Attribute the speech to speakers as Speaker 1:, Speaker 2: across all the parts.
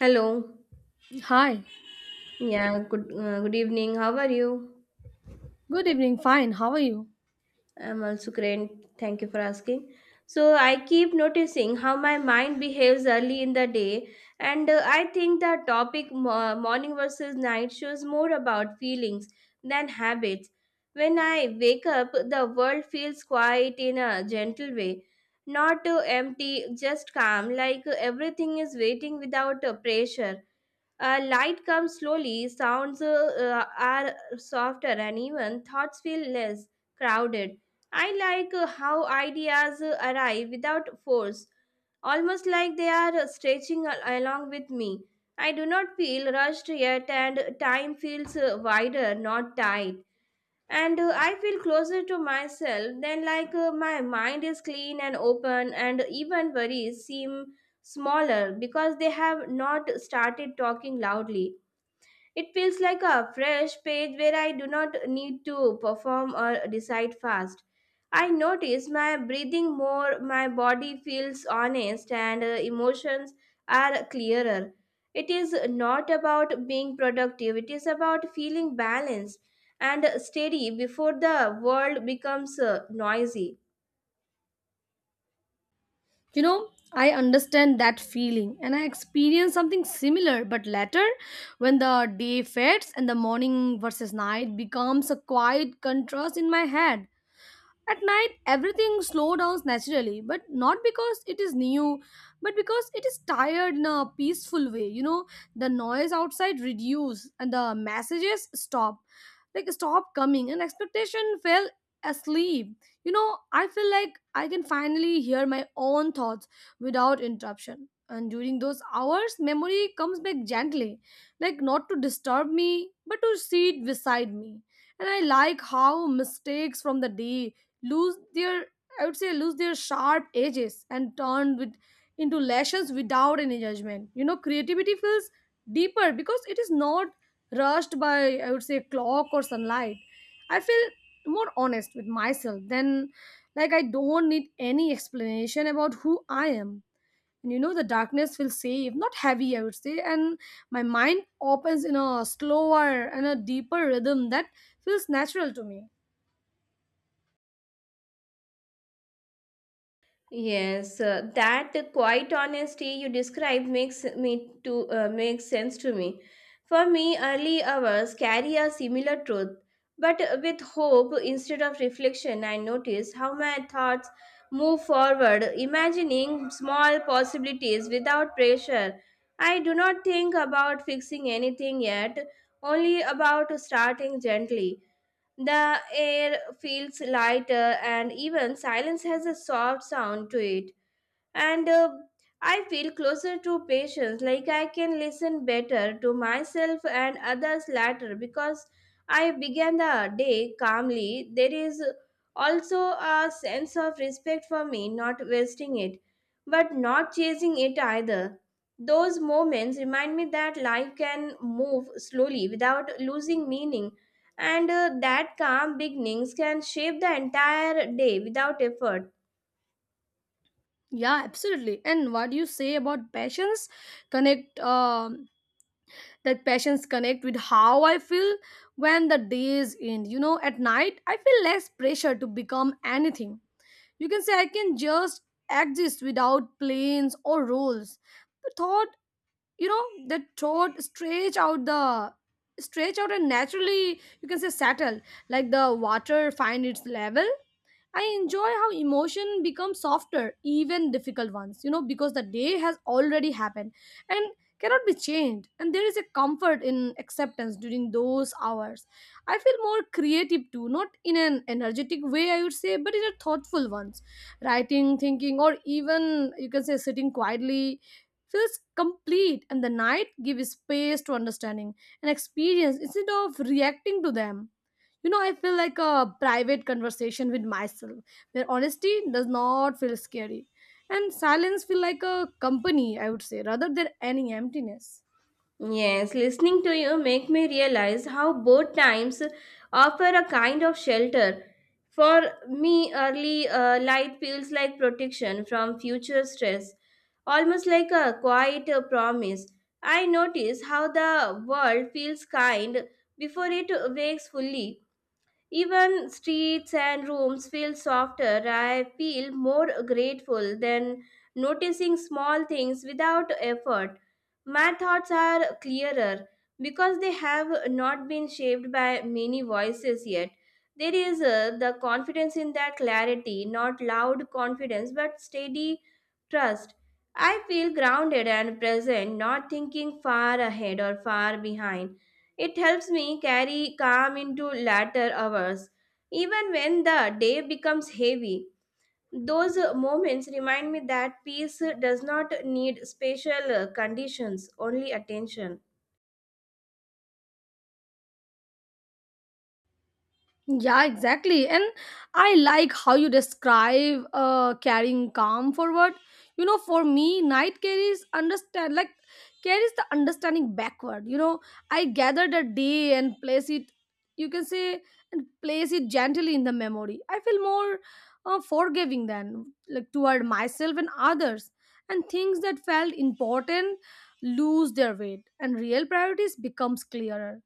Speaker 1: Hello.
Speaker 2: Hi,
Speaker 1: Yeah, good good evening. How are you?
Speaker 2: good evening. Fine, how are you?
Speaker 1: I'm also great. Thank you for asking. So I keep noticing how my mind behaves early in the day, and I think the topic morning versus night shows more about feelings than habits. When I wake up, the world feels quiet in a gentle way, not empty, just calm, like everything is waiting without pressure. Light comes slowly, sounds are softer, and even thoughts feel less crowded. I like how ideas arrive without force, almost like they are stretching along with me. I do not feel rushed yet, and time feels wider, not tight. And I feel closer to myself, then, like my mind is clean and open, and even worries seem smaller because they have not started talking loudly. It feels like a fresh page where I do not need to perform or decide fast. I notice my breathing more, my body feels honest, and emotions are clearer. It is not about being productive, it is about feeling balanced and steady before the world becomes noisy.
Speaker 2: I understand that feeling and I experienced something similar, but later, when the day fades and the morning versus night becomes a quiet contrast in my head. At night, everything slows down naturally, but not because it is new, but because it is tired in a peaceful way. The noise outside reduce and the messages stop, like stop coming, and expectation fell asleep. I feel like I can finally hear my own thoughts without interruption. And during those hours, memory comes back gently, like not to disturb me, but to sit beside me. And I like how mistakes from the day lose their I would say lose their sharp edges and turn with into lashes without any judgment. Creativity feels deeper because it is not rushed by, I would say, clock or sunlight. I feel more honest with myself than, like, I don't need any explanation about who I am. And the darkness feels safe, not heavy, I would say. And my mind opens in a slower and a deeper rhythm that feels natural to me.
Speaker 1: Yes, that quiet honesty you describe makes sense to me. For me, early hours carry a similar truth, but with hope instead of reflection, I notice how my thoughts move forward, imagining small possibilities without pressure. I do not think about fixing anything yet, only about starting gently. The air feels lighter, and even silence has a soft sound to it and I feel closer to patients, like I can listen better to myself and others later because I began the day calmly. There is also a sense of respect for me, not wasting it, but not chasing it either. Those moments remind me that life can move slowly without losing meaning, and that calm beginnings can shape the entire day without effort.
Speaker 2: Yeah, absolutely. And what you say about connect um passions connect with how I feel when the days end. You know, at night I feel less pressure to become anything. You can say I can just exist without plans or roles. The thought, the throat stretch out, the stretch out and naturally, you can say, settle, like the water find its level. I enjoy how emotion becomes softer, even difficult ones, because the day has already happened and cannot be changed. And there is a comfort in acceptance. During those hours I feel more creative too, not in an energetic way, I would say, but in a thoughtful ones. Writing, thinking, or even, you can say, sitting quietly feels complete, and the night gives space to understanding and experience instead of reacting to them. You know, I feel like a private conversation with myself where honesty does not feel scary and silence feel like a company, I would say, rather than any emptiness.
Speaker 1: Yes, listening to you make me realize how both times offer a kind of shelter. For me, early light feels like protection from future stress, almost like a quiet promise. I notice how the world feels kind before it wakes fully, even streets and rooms feel softer. I feel more grateful than noticing small things without effort. My thoughts are clearer because they have not been shaped by many voices yet. There is the confidence in that clarity, not loud confidence, but steady trust. I feel grounded and present, not thinking far ahead or far behind. It helps me carry calm into later hours, even when the day becomes heavy. Those moments remind me that peace does not need special conditions, only attention.
Speaker 2: Yeah, exactly. And I like how you describe carrying calm forward. You know, for me, night carries understand, like carries the understanding backward. You know, I gather the day and place it. You can say and place it gently in the memory. I feel more forgiving than, like, toward myself and others. And things that felt important lose their weight, and real priorities becomes clearer.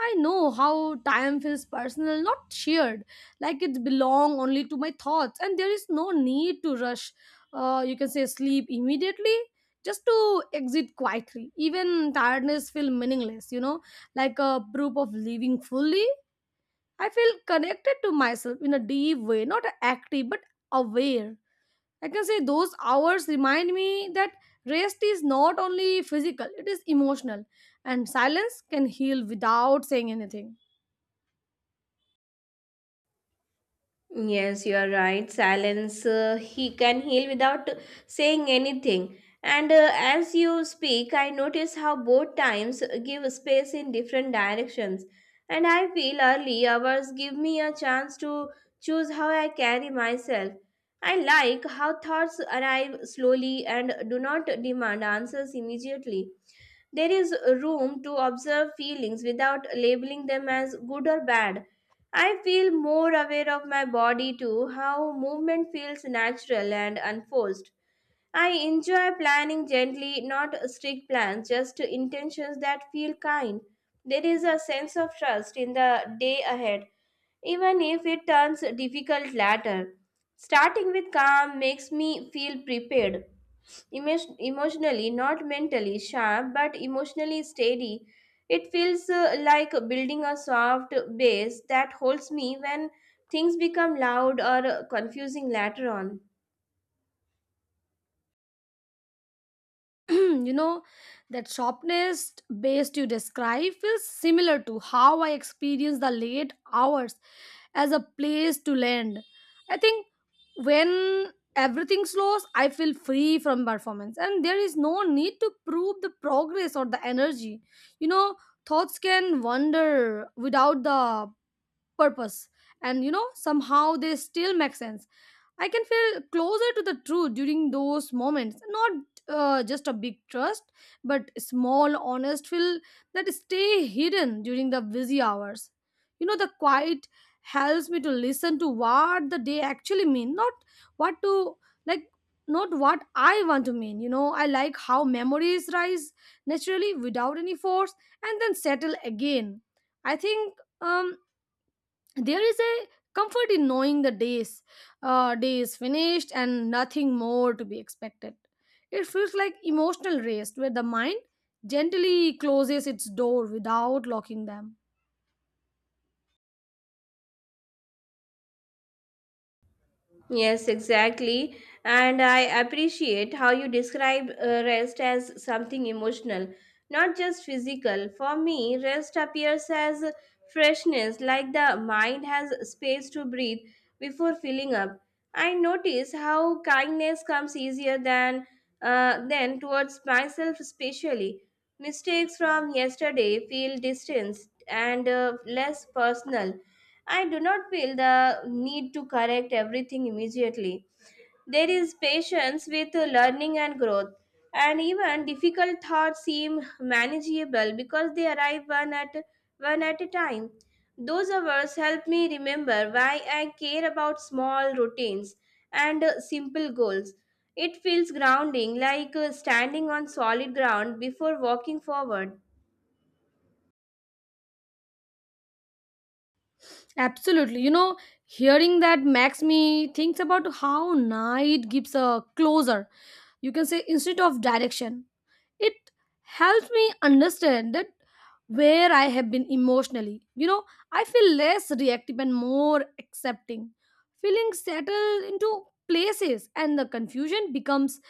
Speaker 2: I know how time feels personal, not shared, like it belong only to my thoughts, and there is no need to rush. You can say sleep immediately, just to exit quietly. Even tiredness feel meaningless, you know, like a proof of living fully. I feel connected to myself in a deep way, not active but aware. I can say those hours remind me that rest is not only physical; it is emotional, and silence can heal without saying anything.
Speaker 1: Yes, you are right. Silence, he can heal without saying anything. And as you speak, I notice how both times give space in different directions. And I feel early hours give me a chance to choose how I carry myself. I like how thoughts arrive slowly and do not demand answers immediately. There is room to observe feelings without labeling them as good or bad. I feel more aware of my body too, how movement feels natural and unforced. I enjoy planning gently, not strict plans, just intentions that feel kind. There is a sense of trust in the day ahead, even if it turns difficult later. Starting with calm makes me feel prepared. Emotionally, not mentally sharp, but emotionally steady. It feels like building a soft base that holds me when things become loud or confusing later on.
Speaker 2: you know that sharpness based you describe feels similar to how I experience the late hours as a place to land. I think when everything slows, I feel free from performance, and there is no need to prove the progress or the energy. you know Thoughts can wander without the purpose, and, somehow they still make sense. I can feel closer to the truth during those moments. Not just a big trust, but small, honest feel that stay hidden during the busy hours. The quiet helps me to listen to what the day actually mean, not what to, like, not what I want to mean. I like how memories rise naturally without any force and then settle again. I think, um there is a comfort in knowing the days day is finished and nothing more to be expected. It feels like emotional rest where the mind gently closes its door without locking them.
Speaker 1: Yes, exactly. And I appreciate how you describe rest as something emotional, not just physical. For me, rest appears as freshness, like the mind has space to breathe before filling up. I notice how kindness comes easier than then towards myself, especially. Mistakes from yesterday feel distant and less personal. I do not feel the need to correct everything immediately. There is patience with learning and growth, and even difficult thoughts seem manageable because they arrive one at a time. Those hours help me remember why I care about small routines and simple goals. It feels grounding, like standing on solid ground before walking forward.
Speaker 2: Absolutely, hearing that makes me think about how night gives a closer, you can say, instead of direction. It helps me understand that where I have been emotionally. You know, I feel less reactive and more accepting. Feelings settle into places, and the confusion becomes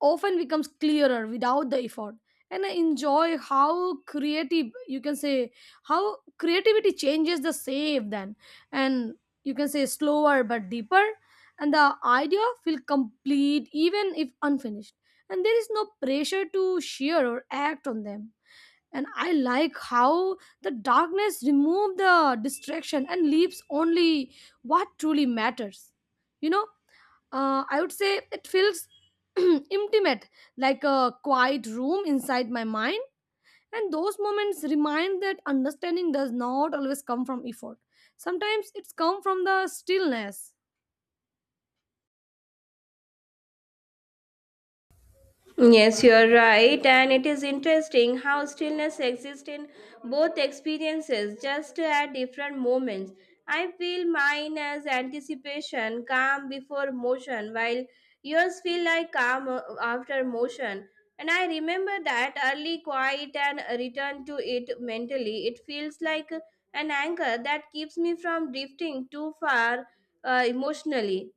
Speaker 2: often becomes clearer without the effort. And I enjoy how creative you can say how creativity changes the save then, and, you can say, slower but deeper. And the idea feel complete even if unfinished, and there is no pressure to share or act on them. And I like how the darkness remove the distraction and leaves only what truly matters, you know. I would say it feels intimate, like a quiet room inside my mind. And those moments remind that understanding does not always come from effort. Sometimes it's come from the stillness.
Speaker 1: Yes, you are right, and it is interesting how stillness exists in both experiences, just at different moments. I feel mine as anticipation, calm before motion, while yours feel like calm after motion. And I remember that early quiet and return to it mentally. It feels like an anchor that keeps me from drifting too far emotionally.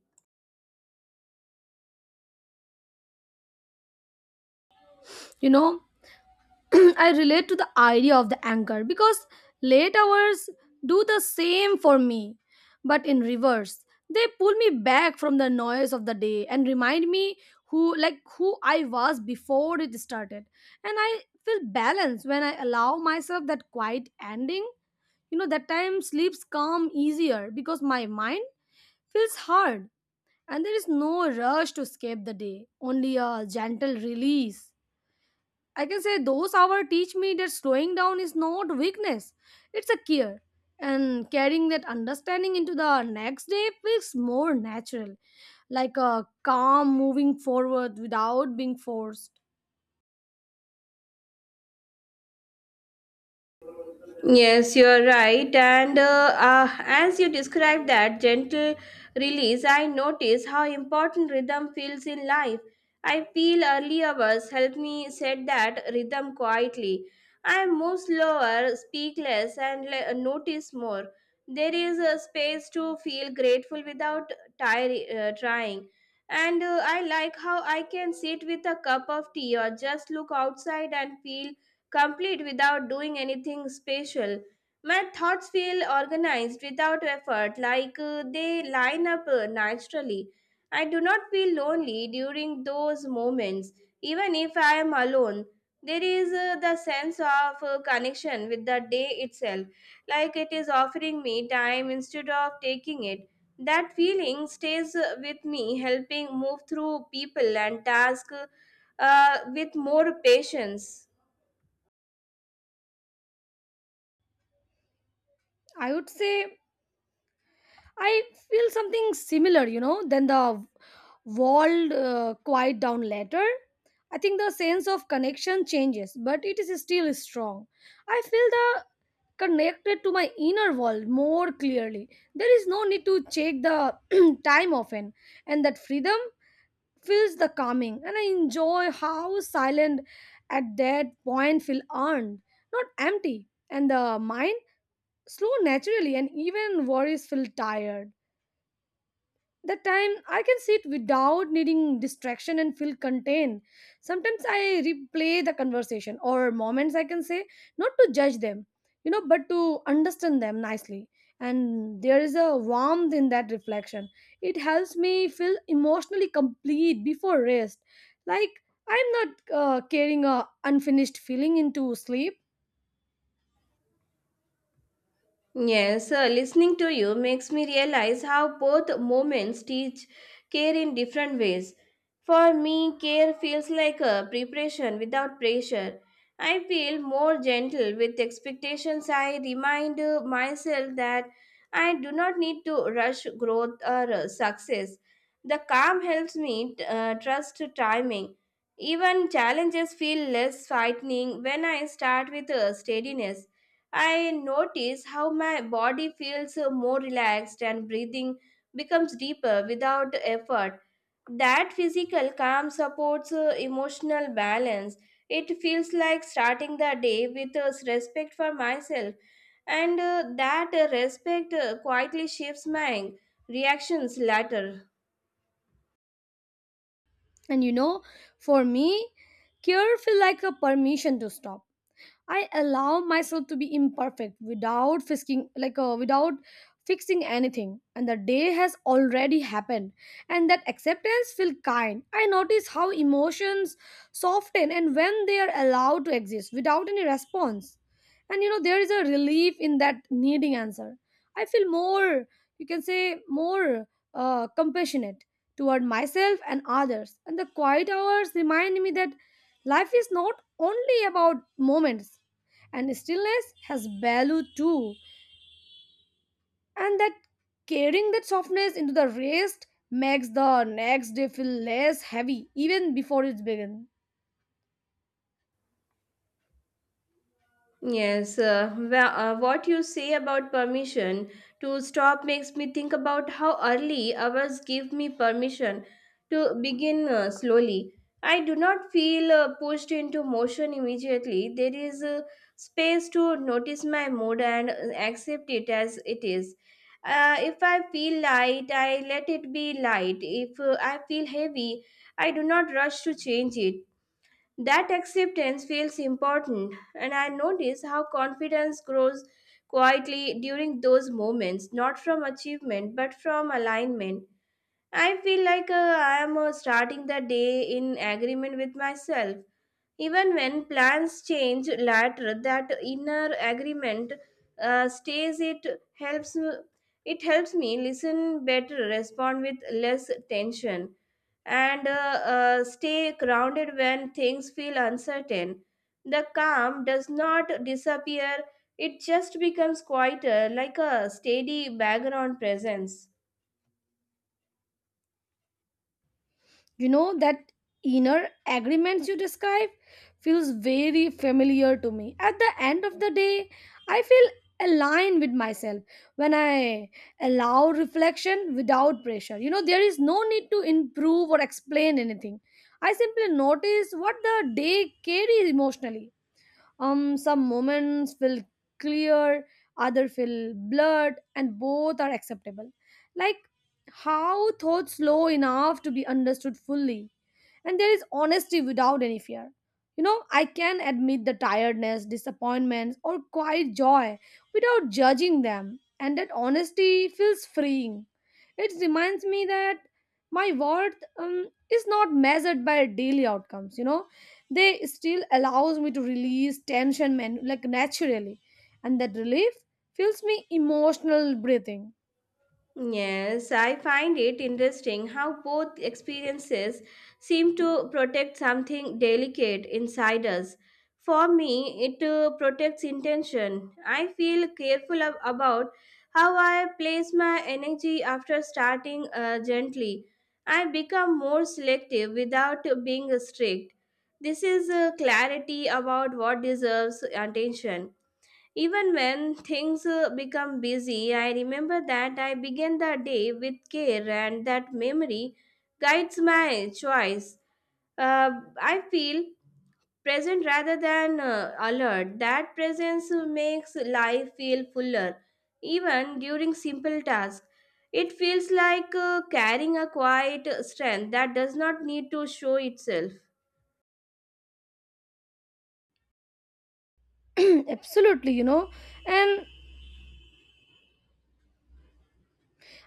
Speaker 2: You know, I relate to the idea of the anchor because late hours do the same for me, but in reverse. They pull me back from the noise of the day and remind me who I was before it started. And I feel balanced when I allow myself that quiet ending. You know, that time sleeps come easier because my mind feels hard, and there is no rush to escape the day, only a gentle release. I can say those hours teach me that slowing down is not weakness, it's a care. And carrying that understanding into the next day feels more natural, like a calm moving forward without being forced.
Speaker 1: Yes, you're right. And as you describe that gentle release, I notice how important rhythm feels in life. I feel early hours help me set that rhythm quietly. I move slower, speak less, and notice more. There is a space to feel grateful without trying. And I like how I can sit with a cup of tea or just look outside and feel complete without doing anything special. My thoughts feel organized without effort, like they line up naturally. I do not feel lonely during those moments, even if I am alone. There is the sense of connection with the day itself, like it is offering me time instead of taking it. That feeling stays with me, helping move through people and tasks with more patience.
Speaker 2: I would say I feel something similar, you know, then the world quiet down later. I think the sense of connection changes, but it is still strong. I feel the connected to my inner world more clearly. There is no need to check the time often, and that freedom feels the calming. And I enjoy how silent at that point feel earned, not empty, and the mind slow naturally, and even worries feel tired. That time I can sit without needing distraction and feel contained. Sometimes I replay the conversation or moments, I can say, not to judge them, you know, but to understand them nicely. And there is a warmth in that reflection. It helps me feel emotionally complete before rest, like I'm not carrying a unfinished feeling into sleep.
Speaker 1: Yes, listening to you makes me realize how both moments teach care in different ways. For me, care feels like a preparation without pressure. I feel more gentle with expectations. I remind myself that I do not need to rush growth or success. The calm helps me trust timing. Even challenges feel less frightening when I start with steadiness. I notice how my body feels more relaxed and breathing becomes deeper without effort. That physical calm supports emotional balance. It feels like starting the day with respect for myself, and that respect quietly shapes my reactions later.
Speaker 2: And, for me, care feel like a permission to stop. I allow myself to be imperfect without fixing, like, without fixing anything, and the day has already happened, and that acceptance feels kind. I notice how emotions soften and when they are allowed to exist without any response. And, there is a relief in that needing answer. I feel more, you can say, more compassionate toward myself and others. And the quiet hours remind me that life is not only about moments, and stillness has value too. And that carrying that softness into the rest makes the next day feel less heavy even before it begins.
Speaker 1: Yes, what you say about permission to stop makes me think about how early hours give me permission to begin slowly. I do not feel pushed into motion immediately. There is a space to notice my mood and accept it as it is. If I feel light, I let it be light. If I feel heavy, I do not rush to change it. That acceptance feels important, and I notice how confidence grows quietly during those moments, not from achievement but from alignment. I feel like I am starting the day in agreement with myself. Even when plans change later, that inner agreement stays. It helps. It helps me listen better, respond with less tension, and stay grounded when things feel uncertain. The calm does not disappear; it just becomes quieter, like a steady background presence.
Speaker 2: That inner agreements you describe feels very familiar to me at the end of the day. I feel aligned with myself when I allow reflection without pressure. You know, there is no need to improve or explain anything. I simply notice what the day carries emotionally. Some moments feel clear, other feel blurred, and both are acceptable. Like how thoughts slow enough to be understood fully, and there is honesty without any fear. You know, I can admit the tiredness, disappointments, or quiet joy without judging them, and that honesty feels freeing. It reminds me that my worth, is not measured by daily outcomes, you know. They still allows me to release tension like naturally, and that relief fills me emotional breathing.
Speaker 1: Yes, I find it interesting how both experiences seem to protect something delicate inside us. For me, it protects intention. I feel careful about how I place my energy after starting gently. I become more selective without being strict. This is clarity about what deserves attention. Even when things become busy, I remember that I began the day with care, and that memory guides my choice. Uh, I feel present rather than alert. That presence makes life feel fuller, even during simple tasks. It feels like carrying a quiet strength that does not need to show itself.
Speaker 2: Absolutely, you know. And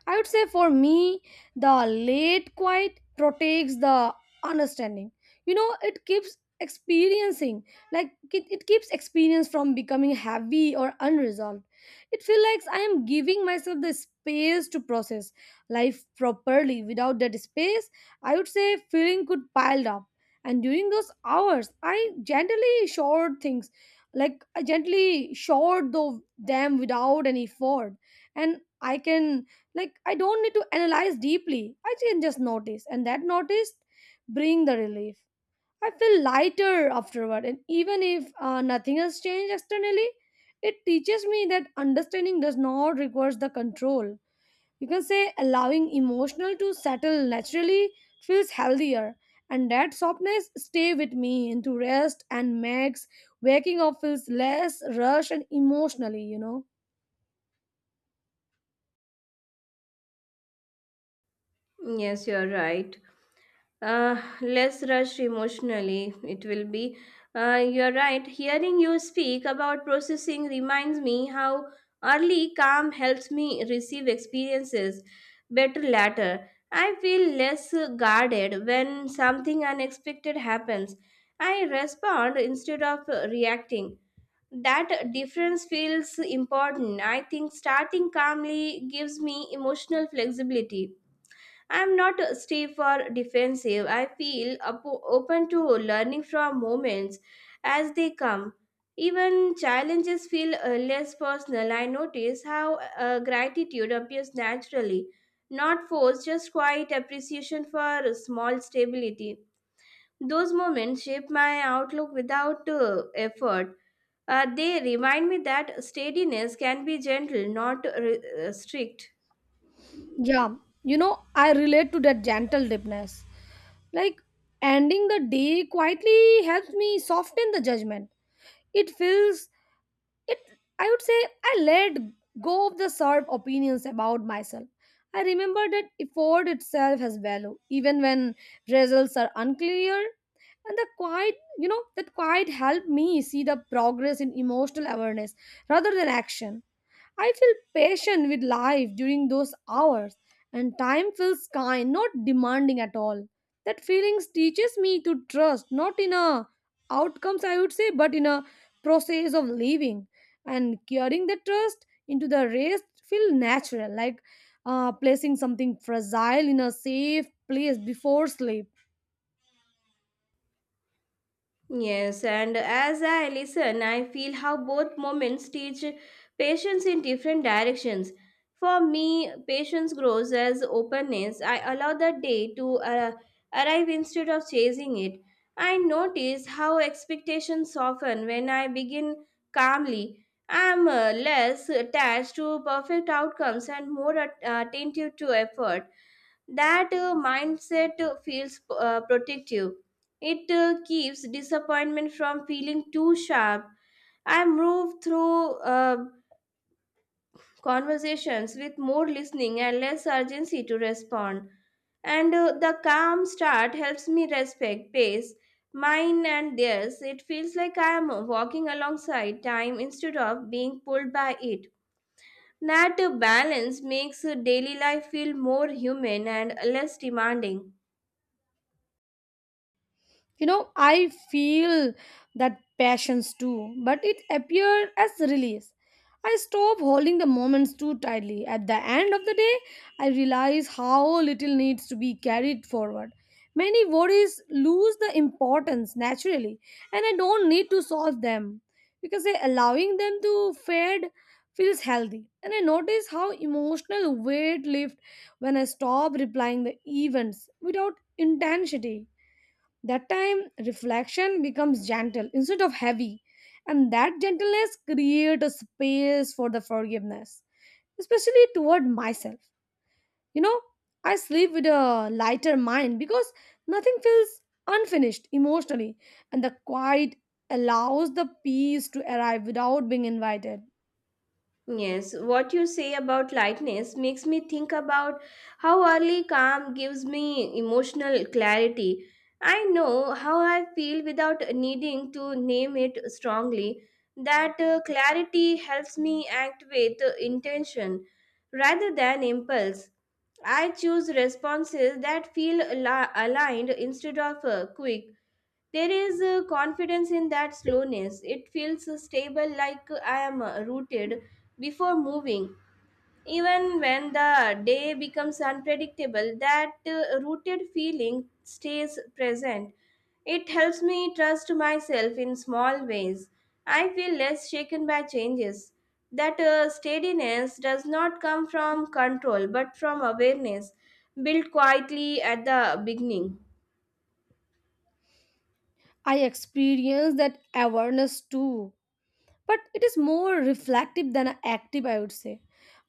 Speaker 2: I would say for me, the late quiet protects the understanding. You know, it keeps experiencing, like it keeps experience from becoming heavy or unresolved. It feels like I am giving myself the space to process life properly. Without that space, I would say, feeling could piled up. And during those hours, I gently showered things, like I gently showered though them without any effort. And I can, like, I don't need to analyze deeply, I can just notice, and that notice bring the relief. I feel lighter afterward, and even if nothing has changed externally, it teaches me that understanding does not require the control. You can say allowing emotional to settle naturally feels healthier, and that softness stay with me into rest and makes waking up feels less rushed and emotionally, you know.
Speaker 1: Yes, you're right. Less rush emotionally, it will be. You're right. Hearing you speak about processing reminds me how early calm helps me receive experiences better later. I feel less guarded when something unexpected happens. I respond instead of reacting. That difference feels important. I think starting calmly gives me emotional flexibility. I'm not stiff or defensive. I feel open to learning from moments as they come. Even challenges feel less personal. I notice how gratitude appears naturally, not forced, just quiet appreciation for small stability. Those moments shape my outlook without effort. They remind me that steadiness can be gentle, not strict.
Speaker 2: Yeah, I relate to that gentle deepness. Like, ending the day quietly helps me soften the judgment. It feels, it, I would say, I let go of the sharp opinions about myself. I remember that effort itself has value, even when results are unclear. And the quiet, that quiet helped me see the progress in emotional awareness rather than action. I feel patient with life during those hours, and time feels kind, not demanding at all. That feelings teaches me to trust, not in a outcomes I would say, but in a process of living. And carrying the trust into the rest feel natural, like placing something fragile in a safe place before sleep.
Speaker 1: Yes, and as I listen, I feel how both moments teach patience in different directions. For me, patience grows as openness. I allow the day to arrive instead of chasing it. I notice how expectations soften when I begin calmly. I am less attached to perfect outcomes and more attentive to effort. That mindset feels protective. It keeps disappointment from feeling too sharp. I move through conversations with more listening and less urgency to respond. And the calm start helps me respect pace, mine and theirs. It feels like I am walking alongside time instead of being pulled by it. That balance makes daily life feel more human and less demanding.
Speaker 2: You know, I feel that passions too, but it appeared as release. I stop holding the moments too tightly at the end of the day. I realize how little needs to be carried forward. Many worries lose the importance naturally, and I don't need to solve them, because allowing them to fade feels healthy. And I notice how emotional weight lifts when I stop replying the events without intensity. That time, reflection becomes gentle instead of heavy, and that gentleness creates a space for the forgiveness, especially toward myself. You know, I sleep with a lighter mind because nothing feels unfinished emotionally, and the quiet allows the peace to arrive without being invited.
Speaker 1: Yes, what you say about lightness makes me think about how early calm gives me emotional clarity. I know how I feel without needing to name it strongly. That clarity helps me act with intention rather than impulse. I choose responses that feel aligned instead of quick. There is a confidence in that slowness. It feels stable, like I am rooted before moving. Even when the day becomes unpredictable, that rooted feeling stays present. It helps me trust myself in small ways. I feel less shaken by changes. That steadiness does not come from control but from awareness, built quietly at the beginning.
Speaker 2: I experience that awareness too, but it is more reflective than active I would say.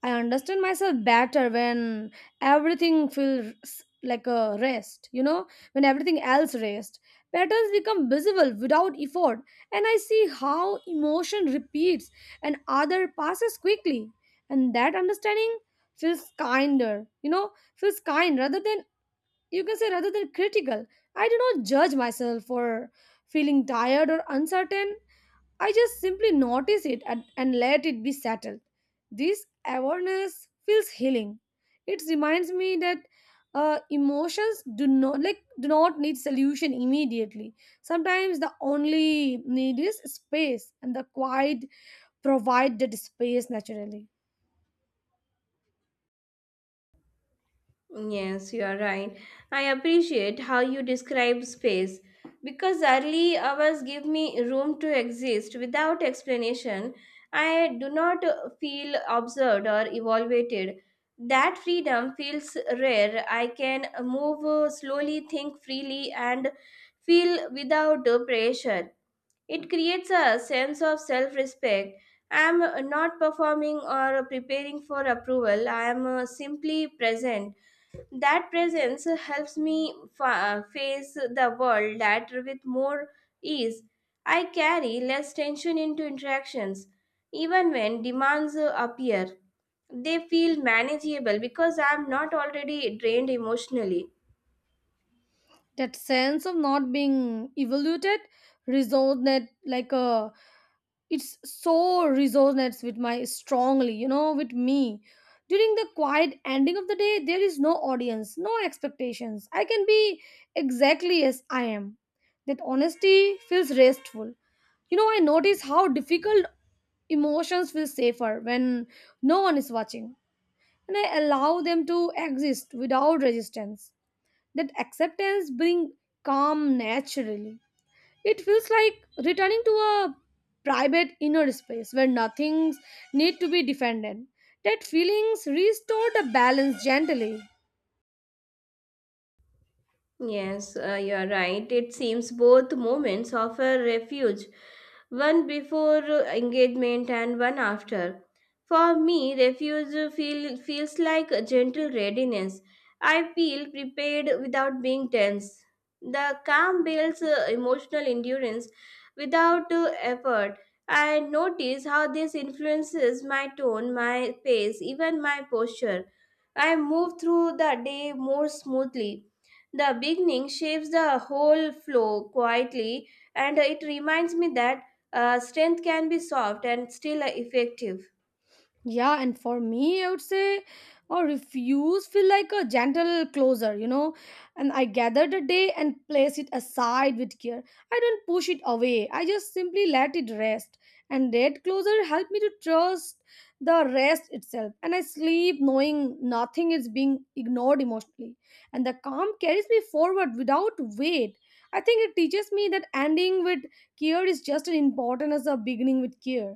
Speaker 2: I understand myself better when everything feels like a rest, you know, when everything else rests. Patterns become visible without effort, and I see how emotion repeats and other passes quickly. And that understanding feels kinder, you know, feels kind rather than, you can say, rather than critical. I do not judge myself for feeling tired or uncertain. I just simply notice it and let it be settled. This awareness feels healing. It reminds me that emotions do not do not need solution immediately. Sometimes the only need is space, and the quiet provide that space naturally.
Speaker 1: Yes, you are right. I appreciate how you describe space because early hours give me room to exist without explanation. I do not feel observed or evaluated. That freedom feels rare. I can move slowly, think freely, and feel without pressure. It creates a sense of self respect. I am not performing or preparing for approval, I am simply present. That presence helps me face the world that with more ease. I carry less tension into interactions, even when demands appear. They feel manageable because I'm not already drained emotionally.
Speaker 2: That sense of not being evaluated resonates like a, it's so, resonates with my strongly, you know, with me. During the quiet ending of the day, there is no audience, no expectations. I can be exactly as I am. That honesty feels restful. You know, I notice how difficult emotions feel safer when no one is watching, and I allow them to exist without resistance. That acceptance brings calm naturally. It feels like returning to a private inner space where nothing's need to be defended. That feelings restore the balance gently.
Speaker 1: Yes, you are right. It seems both moments offer refuge, one before engagement and one after. For me, feels like a gentle readiness. I feel prepared without being tense. The calm builds emotional endurance without effort. I notice how this influences my tone, my pace, even my posture. I move through the day more smoothly. The beginning shapes the whole flow quietly, and it reminds me that strength can be soft and still effective.
Speaker 2: Yeah, and for me, I would say, or refuse feel like a gentle closer, you know. And I gather the day and place it aside with care. I don't push it away. I just simply let it rest. And that closer helped me to trust the rest itself. And I sleep knowing nothing is being ignored emotionally. And the calm carries me forward without weight. I think it teaches me that ending with care is just as important as a beginning with care.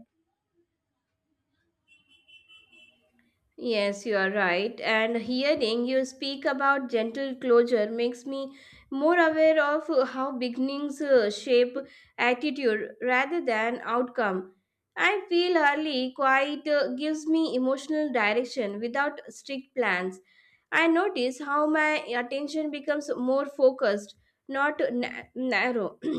Speaker 1: Yes, you are right. And hearing you speak about gentle closure makes me more aware of how beginnings shape attitude rather than outcome. I feel early quiet gives me emotional direction without strict plans. I notice how my attention becomes more focused, not na- narrow.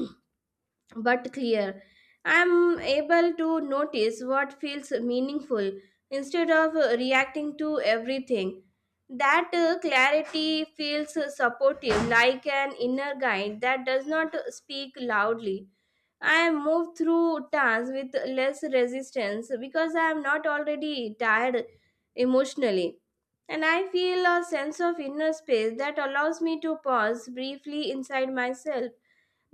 Speaker 1: But clear. I'm able to notice what feels meaningful instead of reacting to everything. That clarity feels supportive, like an inner guide that does not speak loudly. I move through tasks with less resistance because I am not already tired emotionally. And I feel a sense of inner space that allows me to pause briefly inside myself.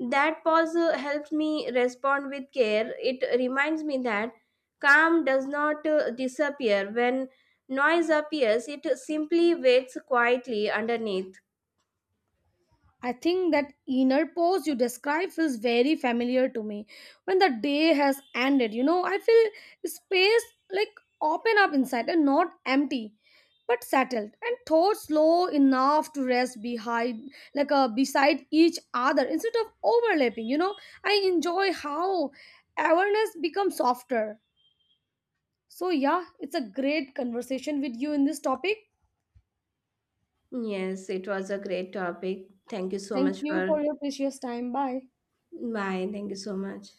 Speaker 1: That pause helps me respond with care. It reminds me that calm does not disappear. When noise appears, it simply waits quietly underneath.
Speaker 2: I think that inner pause you describe feels very familiar to me. When the day has ended, you know, I feel space like open up inside, and not empty, but settled, and thoughts low enough to rest behind, like beside each other instead of overlapping. You know, I enjoy how awareness becomes softer. So yeah, it's a great conversation with you in this topic.
Speaker 1: Yes, it was a great topic. Thank you so
Speaker 2: Thank
Speaker 1: much
Speaker 2: you
Speaker 1: for.
Speaker 2: for your precious time. Bye.
Speaker 1: Bye. Thank you so much.